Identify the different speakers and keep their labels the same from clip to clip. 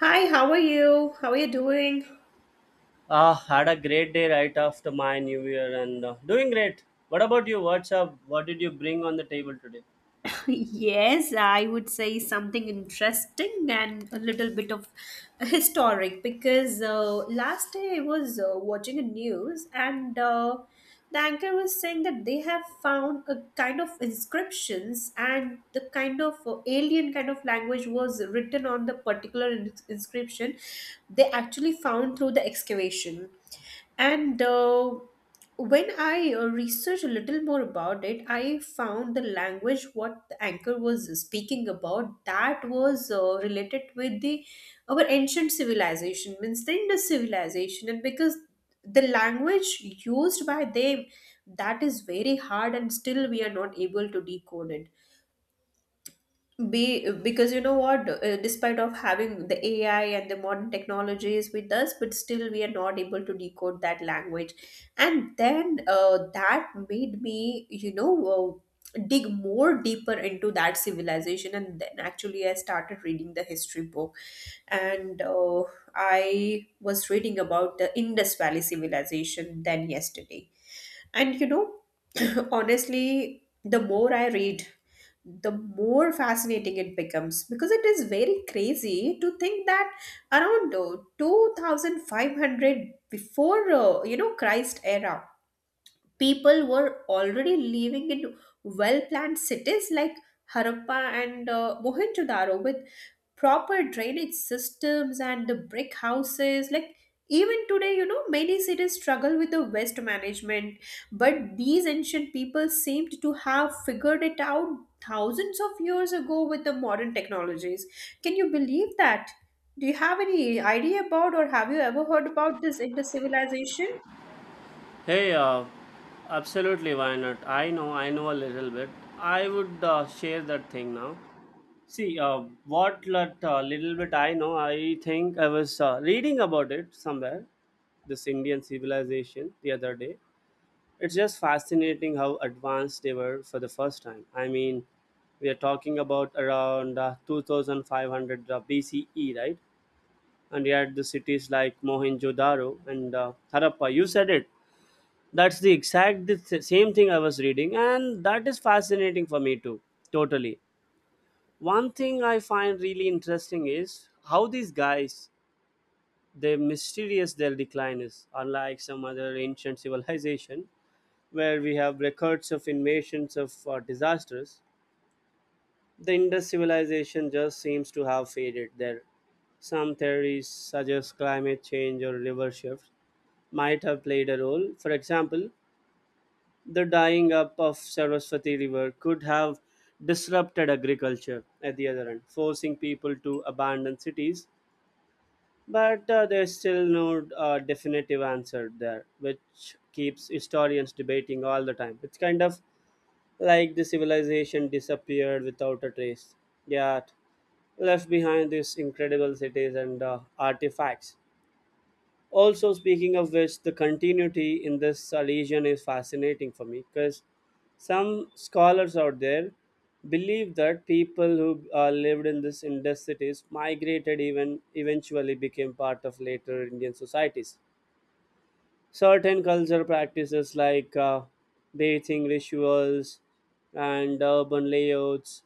Speaker 1: Hi, how are you? How are you doing?
Speaker 2: Had a great day right after my new year and doing great. What about you? What's up? What did you bring on the table today?
Speaker 1: Yes, I would say something interesting and a little bit of historic, because last day I was watching a news, and the anchor was saying that they have found a kind of inscriptions and the kind of alien kind of language was written on the particular inscription they actually found through the excavation. And uh, when I researched a little more about it, I found the language what the anchor was speaking about that was related with the our ancient civilization, means the Indus civilization. And because the language used by them, that is very hard, and still we are not able to decode it be because you know what, despite of having the AI and the modern technologies with us, but still we are not able to decode that language. And then That made me, dig more deeper into that civilization, and then actually I started reading the history book. And I was reading about the Indus Valley civilization then yesterday. And you know Honestly, the more I read, the more fascinating it becomes, because it is very crazy to think that around 2500 before Christ era, people were already living in well planned cities like Harappa and Mohenjo-daro, with proper drainage systems and the brick houses. Like even today, many cities struggle with the waste management, but these ancient people seemed to have figured it out thousands of years ago with the modern technologies. Can you believe that? Do you have any idea about, or have you ever heard about this inter civilization?
Speaker 2: Hey, uh, Absolutely, why not? I know a little bit. I would share that thing now. See, little bit I know, I think I was reading about it somewhere, this Indian civilization the other day. It's just fascinating how advanced they were for the first time. I mean, we are talking about around 2500 BCE, right? And you had the cities like Mohenjo-daro and Harappa. You said it. That's the exact same thing I was reading, and that is fascinating for me too. Totally. One thing I find really interesting is how these guys, they mysterious their decline is, unlike some other ancient civilization where we have records of invasions of disasters, the Indus civilization just seems to have faded there. Some theories suggest climate change or river shifts might have played a role. For example, the dying up of Saraswati River could have disrupted agriculture at the other end, forcing people to abandon cities. But there's still no definitive answer there, which keeps historians debating all the time. It's kind of like the civilization disappeared without a trace, yet left behind these incredible cities and artifacts. Also, speaking of which, the continuity in this region is fascinating for me because some scholars out there believe that people who lived in these Indus cities migrated even eventually became part of later Indian societies certain cultural practices like bathing rituals and urban layouts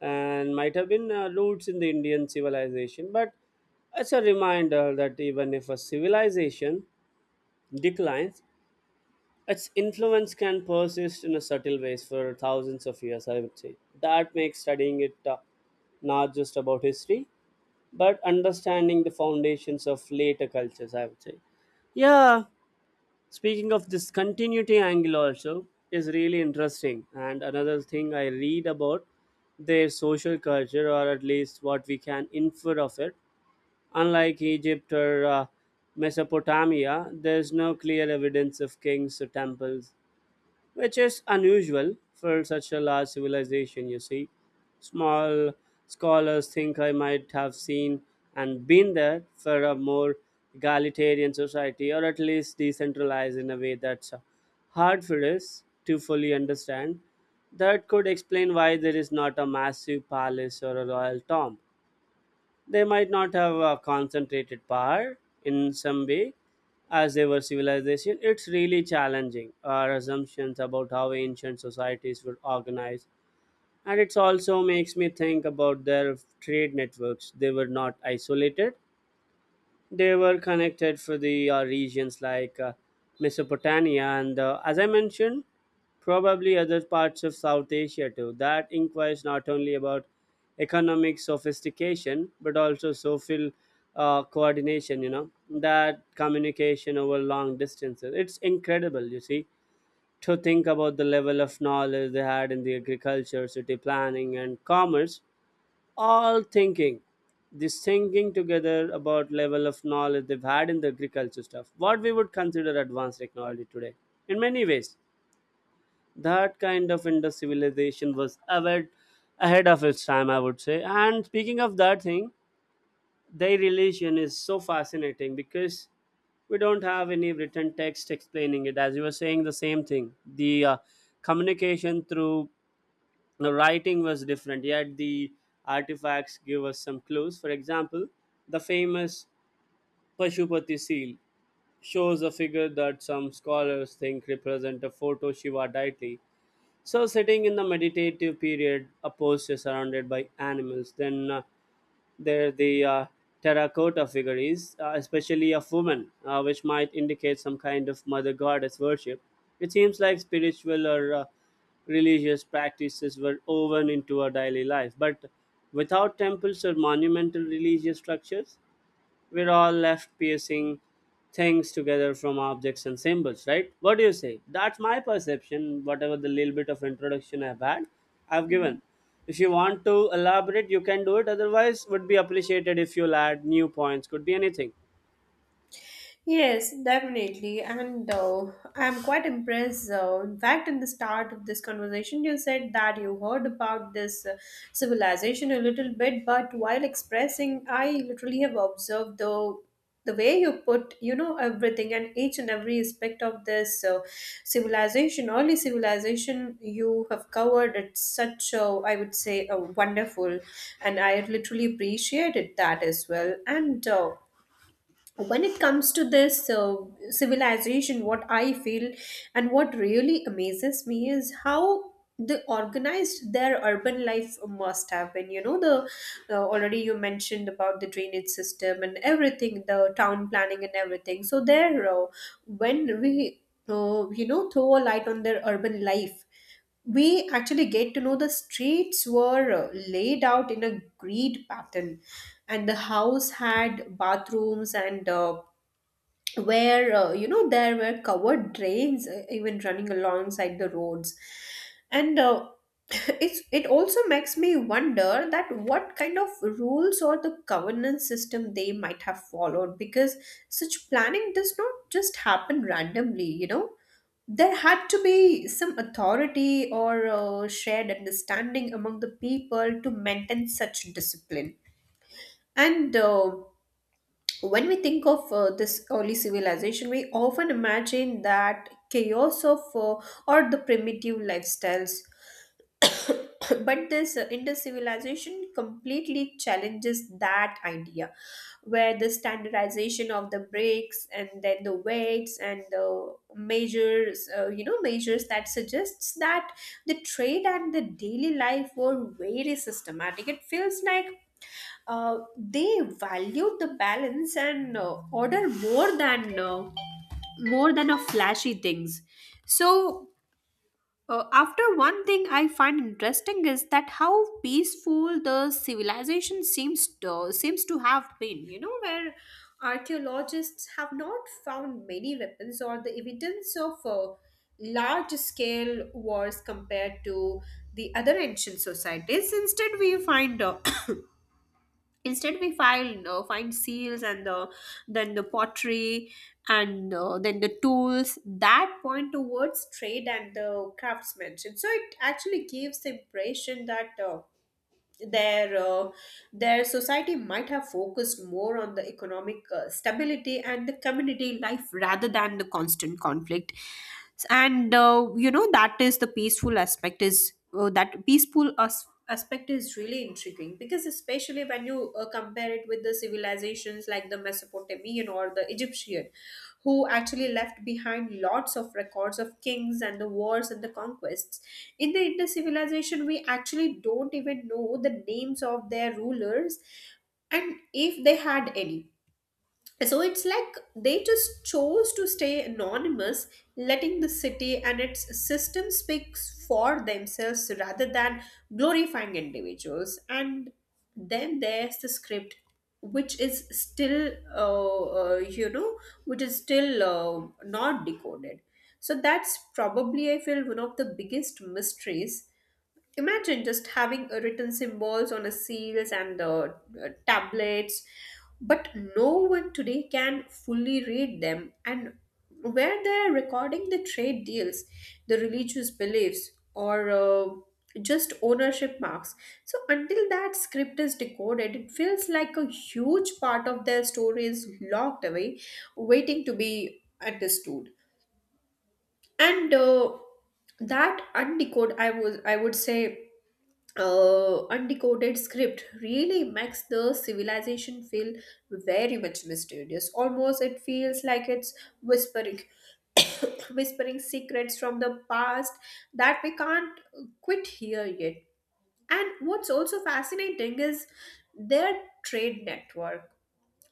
Speaker 2: and might have been roots in the Indian civilization. But it's a reminder that even if a civilization declines, its influence can persist in a subtle ways for thousands of years, I would say. That makes studying it not just about history, but understanding the foundations of later cultures, I would say. Yeah, speaking of this continuity angle, also is really interesting. And another thing I read about their social culture, or at least what we can infer of it. Unlike Egypt or Mesopotamia, there's no clear evidence of kings or temples which is unusual for such a large civilization, you see. Small scholars think I might have seen and been there for a more egalitarian society or at least decentralized in a way that's hard for us to fully understand. That could explain why there is not a massive palace or a royal tomb. They might not have concentrated power in some way as they were civilization. It's really challenging our assumptions about how ancient societies were organized. And it also makes me think about their trade networks. They were not isolated, they were connected for the regions like Mesopotamia and, as I mentioned, probably other parts of South Asia too. That inquires not only about economic sophistication but also social coordination, you know, that communication over long distances. It's incredible, you see, to think about the level of knowledge they had in the agriculture, city planning, and commerce all thinking this thinking together about level of knowledge they've had in the agriculture stuff what we would consider advanced technology today in many ways that kind of industrial civilization was ahead of its time, I would say. And speaking of that thing, their relation is so fascinating because we don't have any written text explaining it as you were saying the same thing, the communication through the writing was different, yet the artifacts give us some clues. For example, the famous pashupati seal shows a figure that some scholars think represent a photo shiva deity so sitting in the meditative period a posture surrounded by animals then there, the terracotta figurines, especially of women, which might indicate some kind of mother goddess worship. It seems like spiritual or religious practices were woven into our daily life, but without temples or monumental religious structures, we're all left piecing things together from objects and symbols, right? What do you say? That's my perception, whatever the little bit of introduction I've had, I've given. If you want to elaborate, you can do it. Otherwise, would be appreciated if you'll add new points. Could be anything.
Speaker 1: Yes, definitely. And I'm quite impressed. In fact, in the start of this conversation, you said that you heard about this civilization a little bit, but while expressing, I literally have observed the way you put, you know, everything and each and every aspect of this civilization, early civilization. You have covered it such a, I would say, a wonderful, and I literally appreciated that as well. And When it comes to this civilization, what I feel and what really amazes me is how the organized their urban life must have been. You know, the already you mentioned about the drainage system and everything, the town planning and everything. So there, when we throw a light on their urban life, we actually get to know the streets were laid out in a grid pattern, and the house had bathrooms, and where you know there were covered drains even running alongside the roads. And It also makes me wonder that what kind of rules or the governance system they might have followed, because such planning does not just happen randomly. You know, there had to be some authority or shared understanding among the people to maintain such discipline. And When we think of this early civilization, we often imagine that chaos of or the primitive lifestyles. But this Indus civilization completely challenges that idea, where the standardization of the bricks and then the weights and the measures you know measures that suggests that the trade and the daily life were very systematic. It feels like they valued the balance and order more than more than a flashy things. So after, one thing I find interesting is that how peaceful the civilization seems to have been. You know, where archaeologists have not found many weapons or the evidence of large scale wars compared to the other ancient societies. Instead, we find Instead, we find seals and then the pottery, and then the tools that point towards trade and the craftsmanship. So it actually gives the impression that. Uh, their uh, their society might have focused more on the economic stability and the community life rather than the constant conflict. And you know that is the peaceful aspect is that peaceful aspect is really intriguing, because especially when you compare it with the civilizations like the Mesopotamian or the Egyptian, who actually left behind lots of records of kings and the wars and the conquests. In the Indus civilization, we actually don't even know the names of their rulers, and if they had any. So it's like they just chose to stay anonymous, letting the city and its system speaks for themselves rather than glorifying individuals. And then there's the script, which is still, uh, uh, you know, which is still not decoded. So that's probably, I feel, one of the biggest mysteries. Imagine just having written symbols on the seals and the tablets, but no one today can fully read them. And where they're recording the trade deals, the religious beliefs, or just ownership marks. So until that script is decoded, it feels like a huge part of their story is locked away, waiting to be understood. And That undecoded, I would say, undecoded script really makes the civilization feel very much mysterious. Almost it feels like it's whispering, whispering secrets from the past that we can't quit hear yet. And what's also fascinating is their trade network.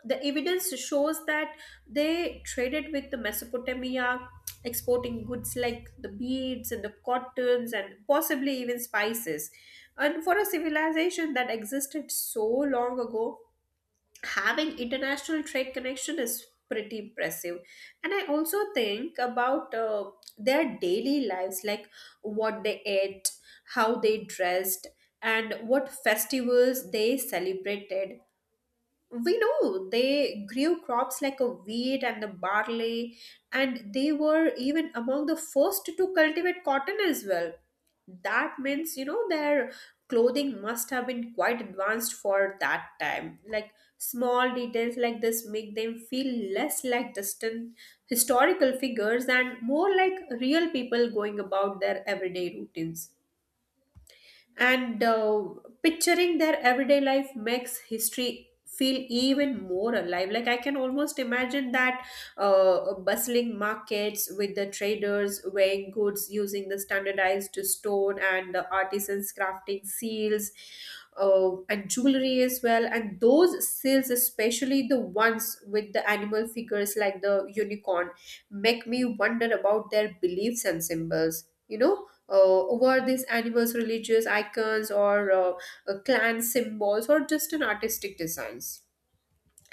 Speaker 1: The evidence shows that they traded with the Mesopotamia, exporting goods like the beads and the cottons and possibly even spices. And for a civilization that existed so long ago, having international trade connection is pretty impressive. And I also think about their daily lives, like what they ate, how they dressed, and what festivals they celebrated. We know they grew crops like a wheat and the barley, and they were even among the first to cultivate cotton as well. That means, you know, their clothing must have been quite advanced for that time. Like small details like this make them feel less like distant historical figures and more like real people going about their everyday routines. And Picturing their everyday life makes history feel even more alive. Like I can almost imagine that bustling markets with the traders weighing goods using the standardized stone, and the artisans crafting seals and jewelry as well. And those seals, especially the ones with the animal figures like the unicorn, make me wonder about their beliefs and symbols. You know, were these animals religious icons, or clan symbols, or just an artistic designs?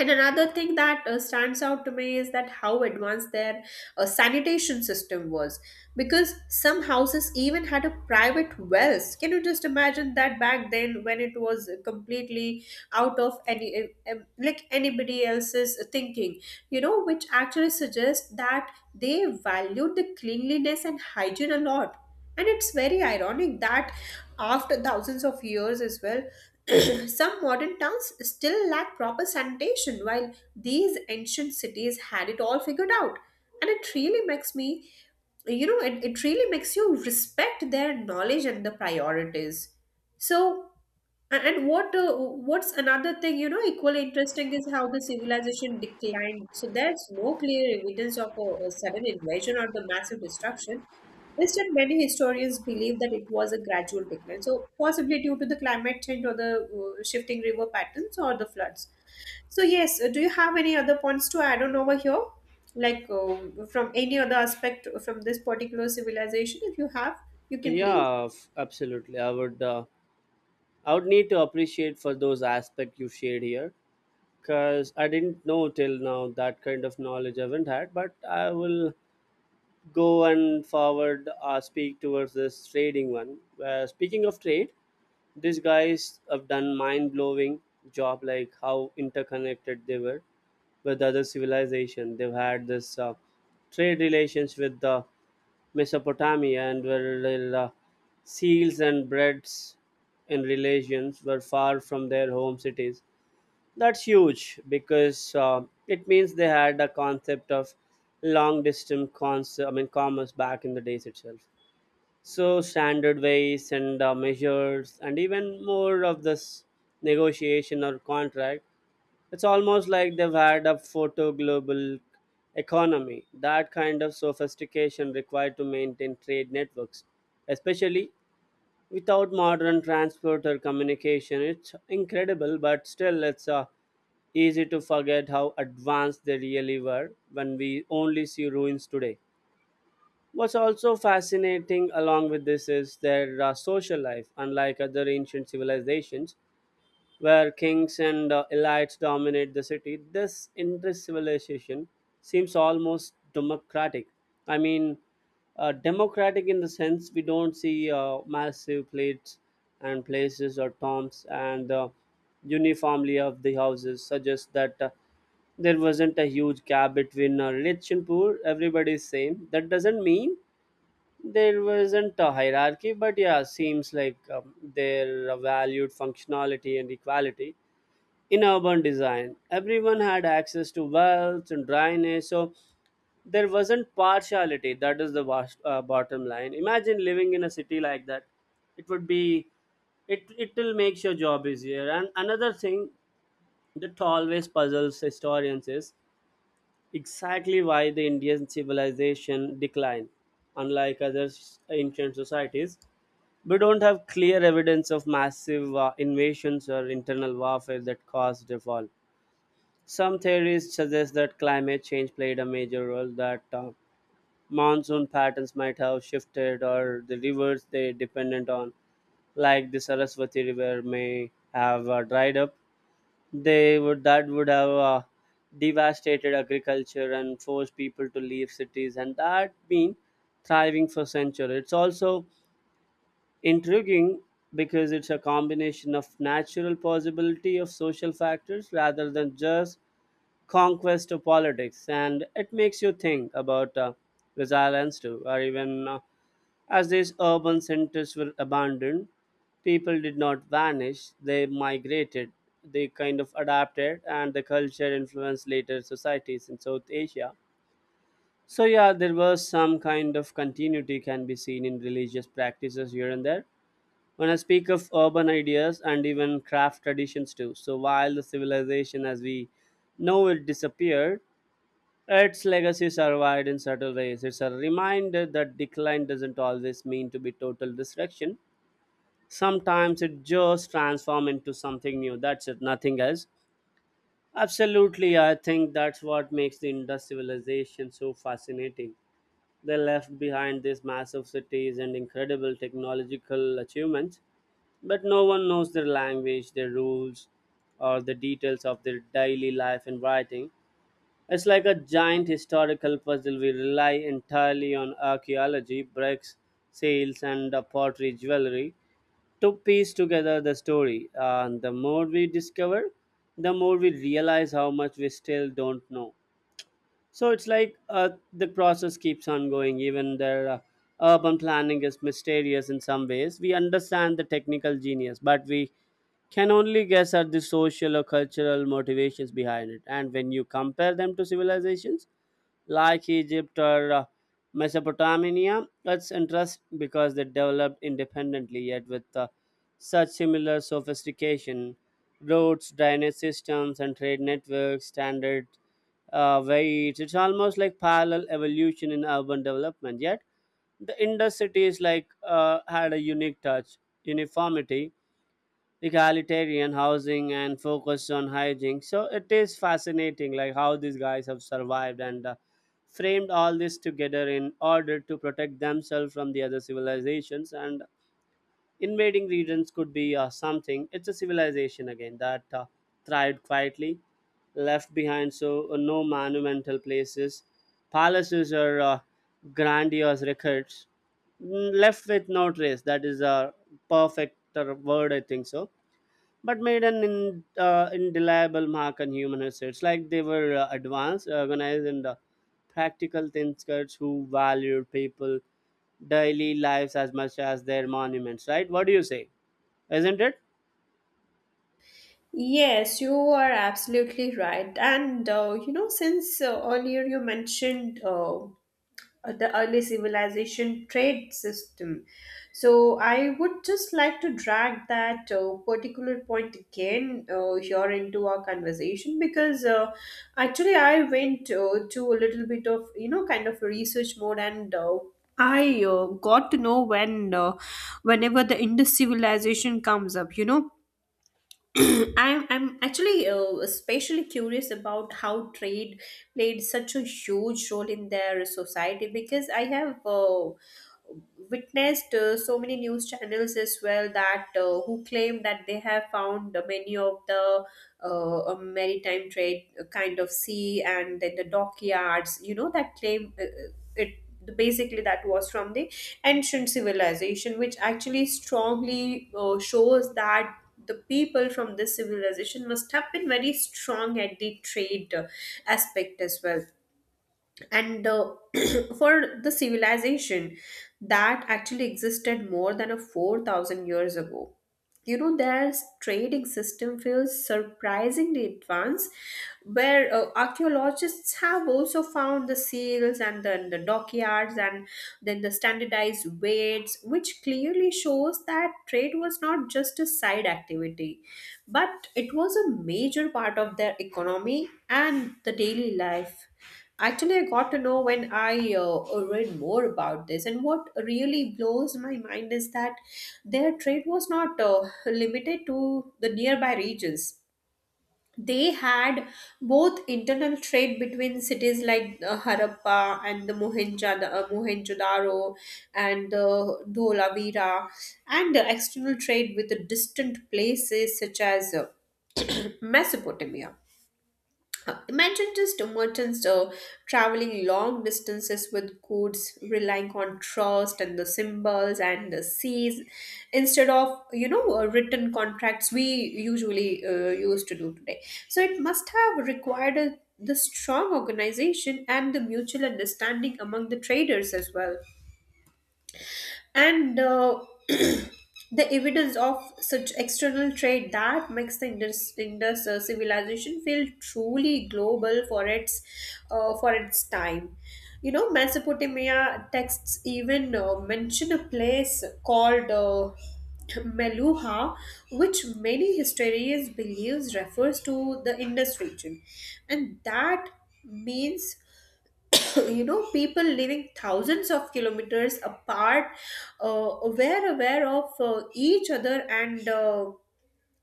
Speaker 1: And another thing that stands out to me is that how advanced their sanitation system was, because some houses even had a private wells. Can you just imagine that back then, when it was completely out of any like anybody else's thinking? You know, which actually suggests that they valued the cleanliness and hygiene a lot. And it's very ironic that after thousands of years as well, some modern towns still lack proper sanitation, while these ancient cities had it all figured out. And it really makes me, you know, it really makes you respect their knowledge and the priorities. So and what, what's another thing, you know, equally interesting is how the civilization declined. So there's no clear evidence of a sudden invasion or the massive destruction. Instead, many historians believe that it was a gradual decline, so possibly due to the climate change or the shifting river patterns or the floods. So yes, do you have any other points to add on over here? Like from any other aspect from this particular civilization, if you have, you can please.
Speaker 2: Absolutely. I would. I would need to appreciate for those aspects you shared here, because I didn't know till now that kind of knowledge I haven't had. But I will go and forward speak towards this trading one. Speaking of trade, these guys have done mind blowing job like how interconnected they were with other civilization. They've had this trade relations with Mesopotamia and where seals and breads in relations were far from their home cities. That's huge because it means they had a concept of long distance concept, I mean commerce back in the days itself. So standard ways and measures and even more of this negotiation or contract. It's almost like they've had a photo global economy. That kind of sophistication required to maintain trade networks, especially without modern transport or communication, it's incredible, but still, it's easy to forget how advanced they really were when we only see ruins today. What's also fascinating along with this is their social life. Unlike other ancient civilizations, where kings and elites dominate the city. This Indus civilization seems almost democratic. I mean, democratic in the sense we don't see massive plates and places or tombs and the uniformly of the houses suggests that there wasn't a huge gap between rich and poor. Everybody's same. That doesn't mean there wasn't a hierarchy, but yeah, seems like their valued functionality and equality in urban design. Everyone had access to wells and drainage, so there wasn't partiality. That is the vast, bottom line. Imagine living in a city like that. It would be, it will make your job easier. And another thing that always puzzles historians is exactly why the Indian civilization declined. Unlike other ancient societies, we don't have clear evidence of massive invasions or internal warfare that caused the fall. Some theories suggest that climate change played a major role, that monsoon patterns might have shifted, or the rivers they dependent on, like the Saraswati River, may have dried up. They would that would have devastated agriculture and forced people to leave cities, and that been thriving for centuries. It's also intriguing because it's a combination of natural possibility of social factors rather than just conquest to politics, and it makes you think about resilience too, or even as these urban centers were abandoned, people did not vanish, they migrated, they kind of adapted, and the culture influenced later societies in South Asia. So, yeah, there was some kind of continuity can be seen in religious practices here and there. When I speak of urban ideas and even craft traditions too, so while the civilization as we know it disappeared, its legacy survived in subtle ways. It's a reminder that decline doesn't always mean to be total destruction. Sometimes it just transforms into something new. That's it, nothing else. Absolutely, I think that's what makes the Indus civilization so fascinating. They left behind these massive cities and incredible technological achievements, but no one knows their language, their rules, or the details of their daily life and writing. It's like a giant historical puzzle. We rely entirely on archaeology, bricks, seals, and pottery jewelry to piece together the story. And the more we discover, the more we realize how much we still don't know. So it's like the process keeps on going. Even their urban planning is mysterious in some ways. We understand the technical genius, but we can only guess at the social or cultural motivations behind it. And when you compare them to civilizations, like Egypt or Mesopotamia. It's interesting because they developed independently, yet with such similar sophistication. Roads, drainage systems, and trade networks, standard weights. It's almost like parallel evolution in urban development. Yet the Indus cities like had a unique touch, uniformity, egalitarian housing and focus on hygiene. So it is fascinating, like how these guys have survived and framed all this together in order to protect themselves from the other civilizations. And invading regions could be something. It's a civilization again that thrived quietly, left behind so no monumental places, palaces or grandiose records. Mm, left with no trace. That is a perfect word, I think so, but made an indelible mark on human history. It's like they were advanced, organized, and practical thinkers who valued people' daily lives as much as their monuments, right? What do you say? Isn't it?
Speaker 1: Yes, you are absolutely right. And you know, since earlier you mentioned the early civilization trade system, so I would just like to drag that particular point again here into our conversation because actually I went to a little bit of you know kind of research mode and I got to know when whenever the Indus civilization comes up, you know I'm actually especially curious about how trade played such a huge role in their society because I have witnessed so many news channels as well that who claim that they have found many of the maritime trade kind of sea and then the dockyards you know that claim it basically that was from the ancient civilization which actually strongly shows that the people from this civilization must have been very strong at the trade aspect as well and for the civilization that actually existed more than a 4000 years ago, you know, their trading system feels surprisingly advanced, where archaeologists have also found the seals and then the dockyards and then the standardized weights, which clearly shows that trade was not just a side activity but it was a major part of their economy and the daily life. Actually, I got to know when I read more about this, and what really blows my mind is that their trade was not limited to the nearby regions. They had both internal trade between cities like Harappa and the Mohenjo-daro and Dholavira, and the external trade with the distant places such as Mesopotamia. Imagine just merchants traveling long distances with goods, relying on trust and the symbols and the seas instead of written contracts we usually used to do today. So it must have required a, the strong organization and the mutual understanding among the traders as well and the evidence of such external trade that makes the Indus civilization feel truly global for its time. You know, Mesopotamia texts even mention a place called Meluha, which many historians believes refers to the Indus region, and that means you know people living thousands of kilometers apart, aware of each other and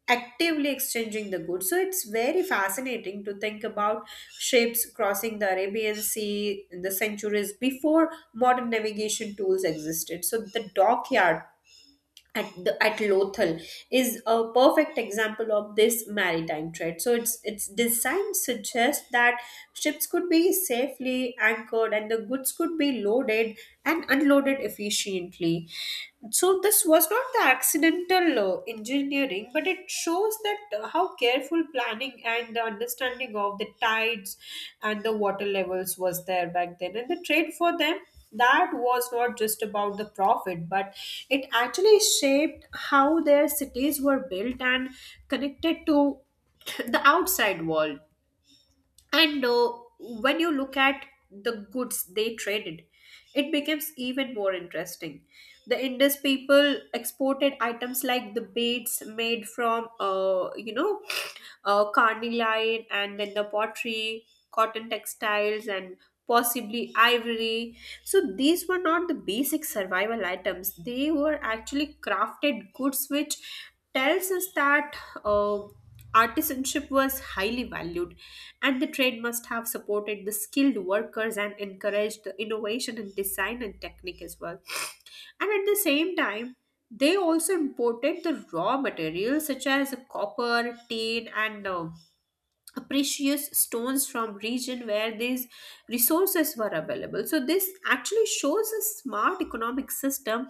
Speaker 1: actively exchanging the goods. So it's very fascinating to think about ships crossing the Arabian Sea in the centuries before modern navigation tools existed. So the dockyard at Lothal is a perfect example of this maritime trade. So its design suggests that ships could be safely anchored and the goods could be loaded and unloaded efficiently. So this was not the accidental engineering, but it shows that how careful planning and the understanding of the tides and the water levels was there back then, and the trade for them, that was not just about the profit, but it actually shaped how their cities were built and connected to the outside world. And when you look at the goods they traded, it becomes even more interesting. The Indus people exported items like the beads made from, carnelian and then the pottery, cotton textiles, and possibly ivory. So these were not the basic survival items, they were actually crafted goods, which tells us that uh, artisanship was highly valued, and the trade must have supported the skilled workers and encouraged the innovation in design and technique as well. And at the same time, they also imported the raw materials such as copper, tin, and precious stones from region where these resources were available. So this actually shows a smart economic system,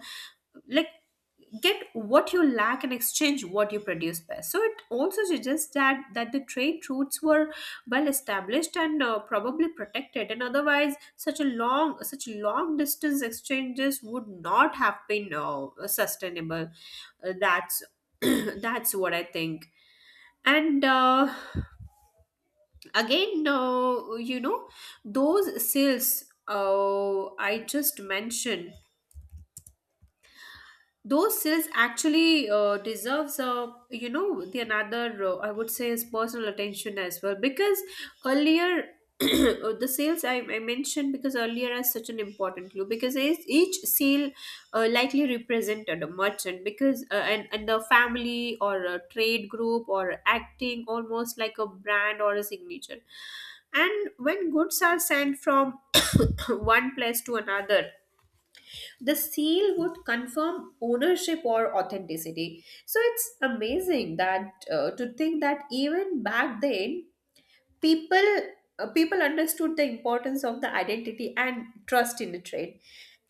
Speaker 1: like get what you lack and exchange what you produce best. So it also suggests that the trade routes were well established and probably protected, and otherwise such a long such long distance exchanges would not have been sustainable. That's that's what I think, and again, you know, those sales I just mentioned, those sales actually deserves, you know, the another, I would say, is personal attention as well because earlier the sales I mentioned because earlier is such an important clue because each sale likely represented a merchant because and the family or a trade group or acting almost like a brand or a signature, and when goods are sent from one place to another, the seal would confirm ownership or authenticity. So it's amazing that to think that even back then people people understood the importance of the identity and trust in the trade.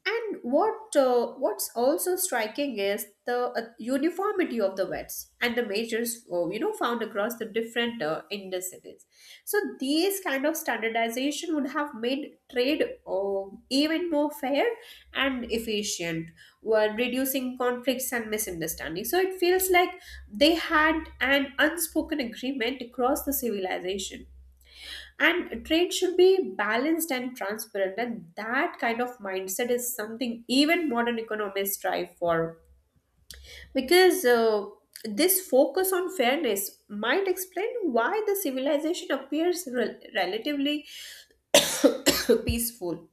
Speaker 1: And what's also striking is the uniformity of the vets and the measures, you know, found across the different industries. So these kind of standardization would have made trade uh, even more fair and efficient while reducing conflicts and misunderstanding. So it feels like they had an unspoken agreement across the civilization, and trade should be balanced and transparent, and that kind of mindset is something even modern economists strive for, because this focus on fairness might explain why the civilization appears relatively peaceful.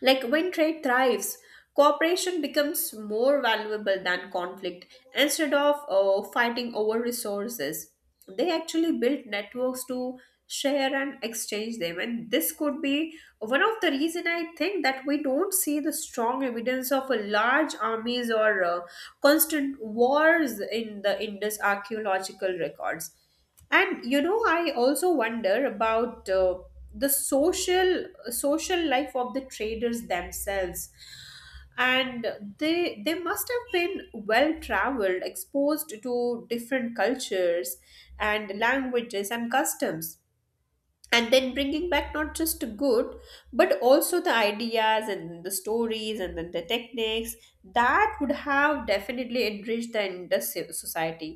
Speaker 1: Like when trade thrives, cooperation becomes more valuable than conflict. Instead of fighting over resources, they actually build networks to share and exchange them, and this could be one of the reason I think that we don't see the strong evidence of a large armies or constant wars in the Indus archaeological records. And you know, I also wonder about the social life of the traders themselves, and they must have been well traveled, exposed to different cultures and languages and customs, and then bringing back not just the good but also the ideas and the stories and then the techniques that would have definitely enriched the industry society.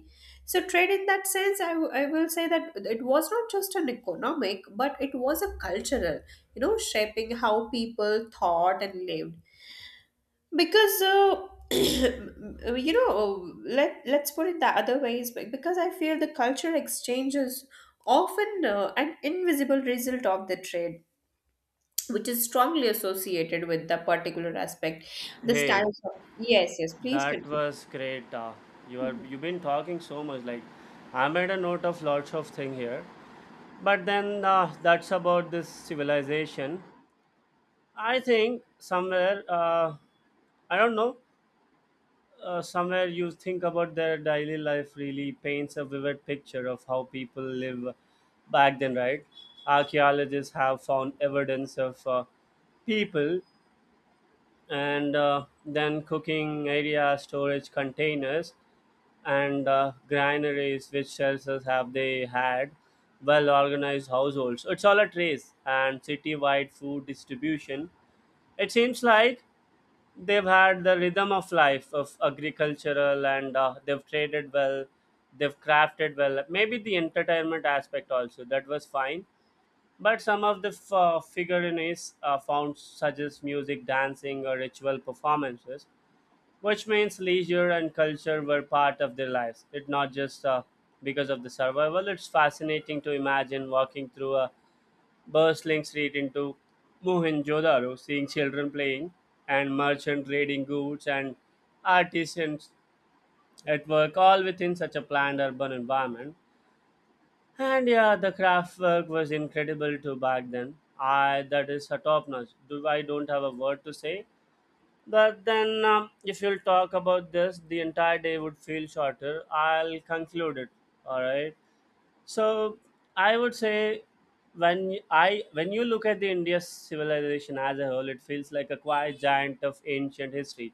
Speaker 1: So trade in that sense, I will say that it was not just an economic but it was a cultural, you know, shaping how people thought and lived. Because you know, let's put it the other way, is because I feel the culture exchange is often an invisible result of the trade, which is strongly associated with the particular aspect, the
Speaker 2: Hey,
Speaker 1: styles of. Yes, yes, please
Speaker 2: that
Speaker 1: continue.
Speaker 2: was great. You are you've been talking so much. Like, I made a note of lots of thing here, but then that's about this civilization. I think somewhere I don't know. Uh, somewhere you think about their daily life really paints a vivid picture of how people live back then, right? Archaeologists have found evidence of people and then cooking area, storage containers, and granaries, which shelters have they had? Well organized households. It's all a trace and city wide food distribution. It seems like they've had the rhythm of life of agricultural and they've traded well, they've crafted well, maybe the entertainment aspect also that was fine, but some of the figurines found such as music dancing or ritual performances which means leisure and culture were part of their lives. It not just because of the survival, it's fascinating to imagine walking through a bustling street into Mohenjo-daro, seeing children playing and merchant trading goods and artisans at work, all within such a planned urban environment. And yeah, the craft work was incredible too back then. I that is a top notch. Do I don't have a word to say. But then, if you'll talk about this, the entire day would feel shorter. I'll conclude it. All right. So I would say when y- I when you look at the India's civilization as a whole, it feels like a quiet giant of ancient history.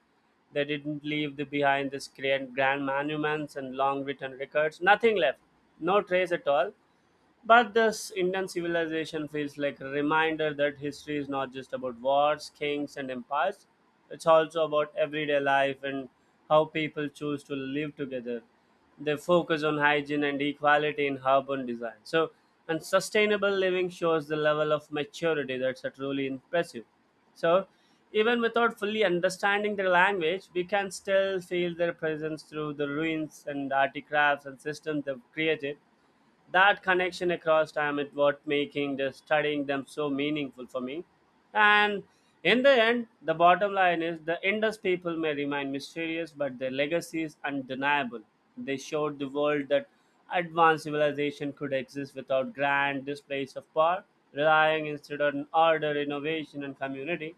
Speaker 2: They didn't leave the behind this grand monuments and long written records. Nothing left, no trace at all. But this Indian civilization feels like a reminder that history is not just about wars, kings, and empires. It's also about everyday life and how people choose to live together. They focus on hygiene and equality in urban design. So, and sustainable living shows the level of maturity that's a truly impressive. So, even without fully understanding their language, we can still feel their presence through the ruins and artifacts and systems they've created. That connection across time is what making the studying them so meaningful for me. And in the end the bottom line is the indus people may remain mysterious but their legacy is undeniable. They showed the world that advanced civilization could exist without grand displays of power, relying instead on order innovation and community.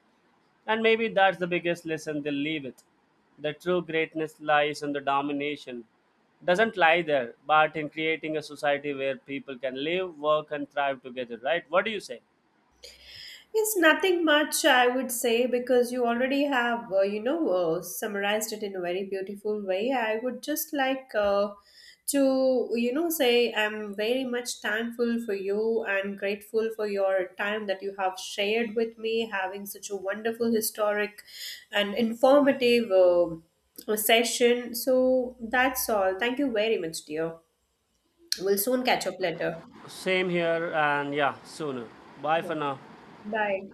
Speaker 2: And maybe that's the biggest lesson they leave it. The true greatness lies in the domination. Doesn't lie there, but in creating a society where people can live, work, and thrive together, right? What do you say?
Speaker 1: It's nothing much, I would say, because you already have, summarized it in a very beautiful way. I would just like to, you know, say I'm very much thankful for you and grateful for your time that you have shared with me, having such a wonderful, historic, and informative session. So that's all. Thank you very much, dear. We'll soon catch up later.
Speaker 2: Same here, and yeah, sooner. Bye
Speaker 1: Yeah.
Speaker 2: for now.
Speaker 1: Bye.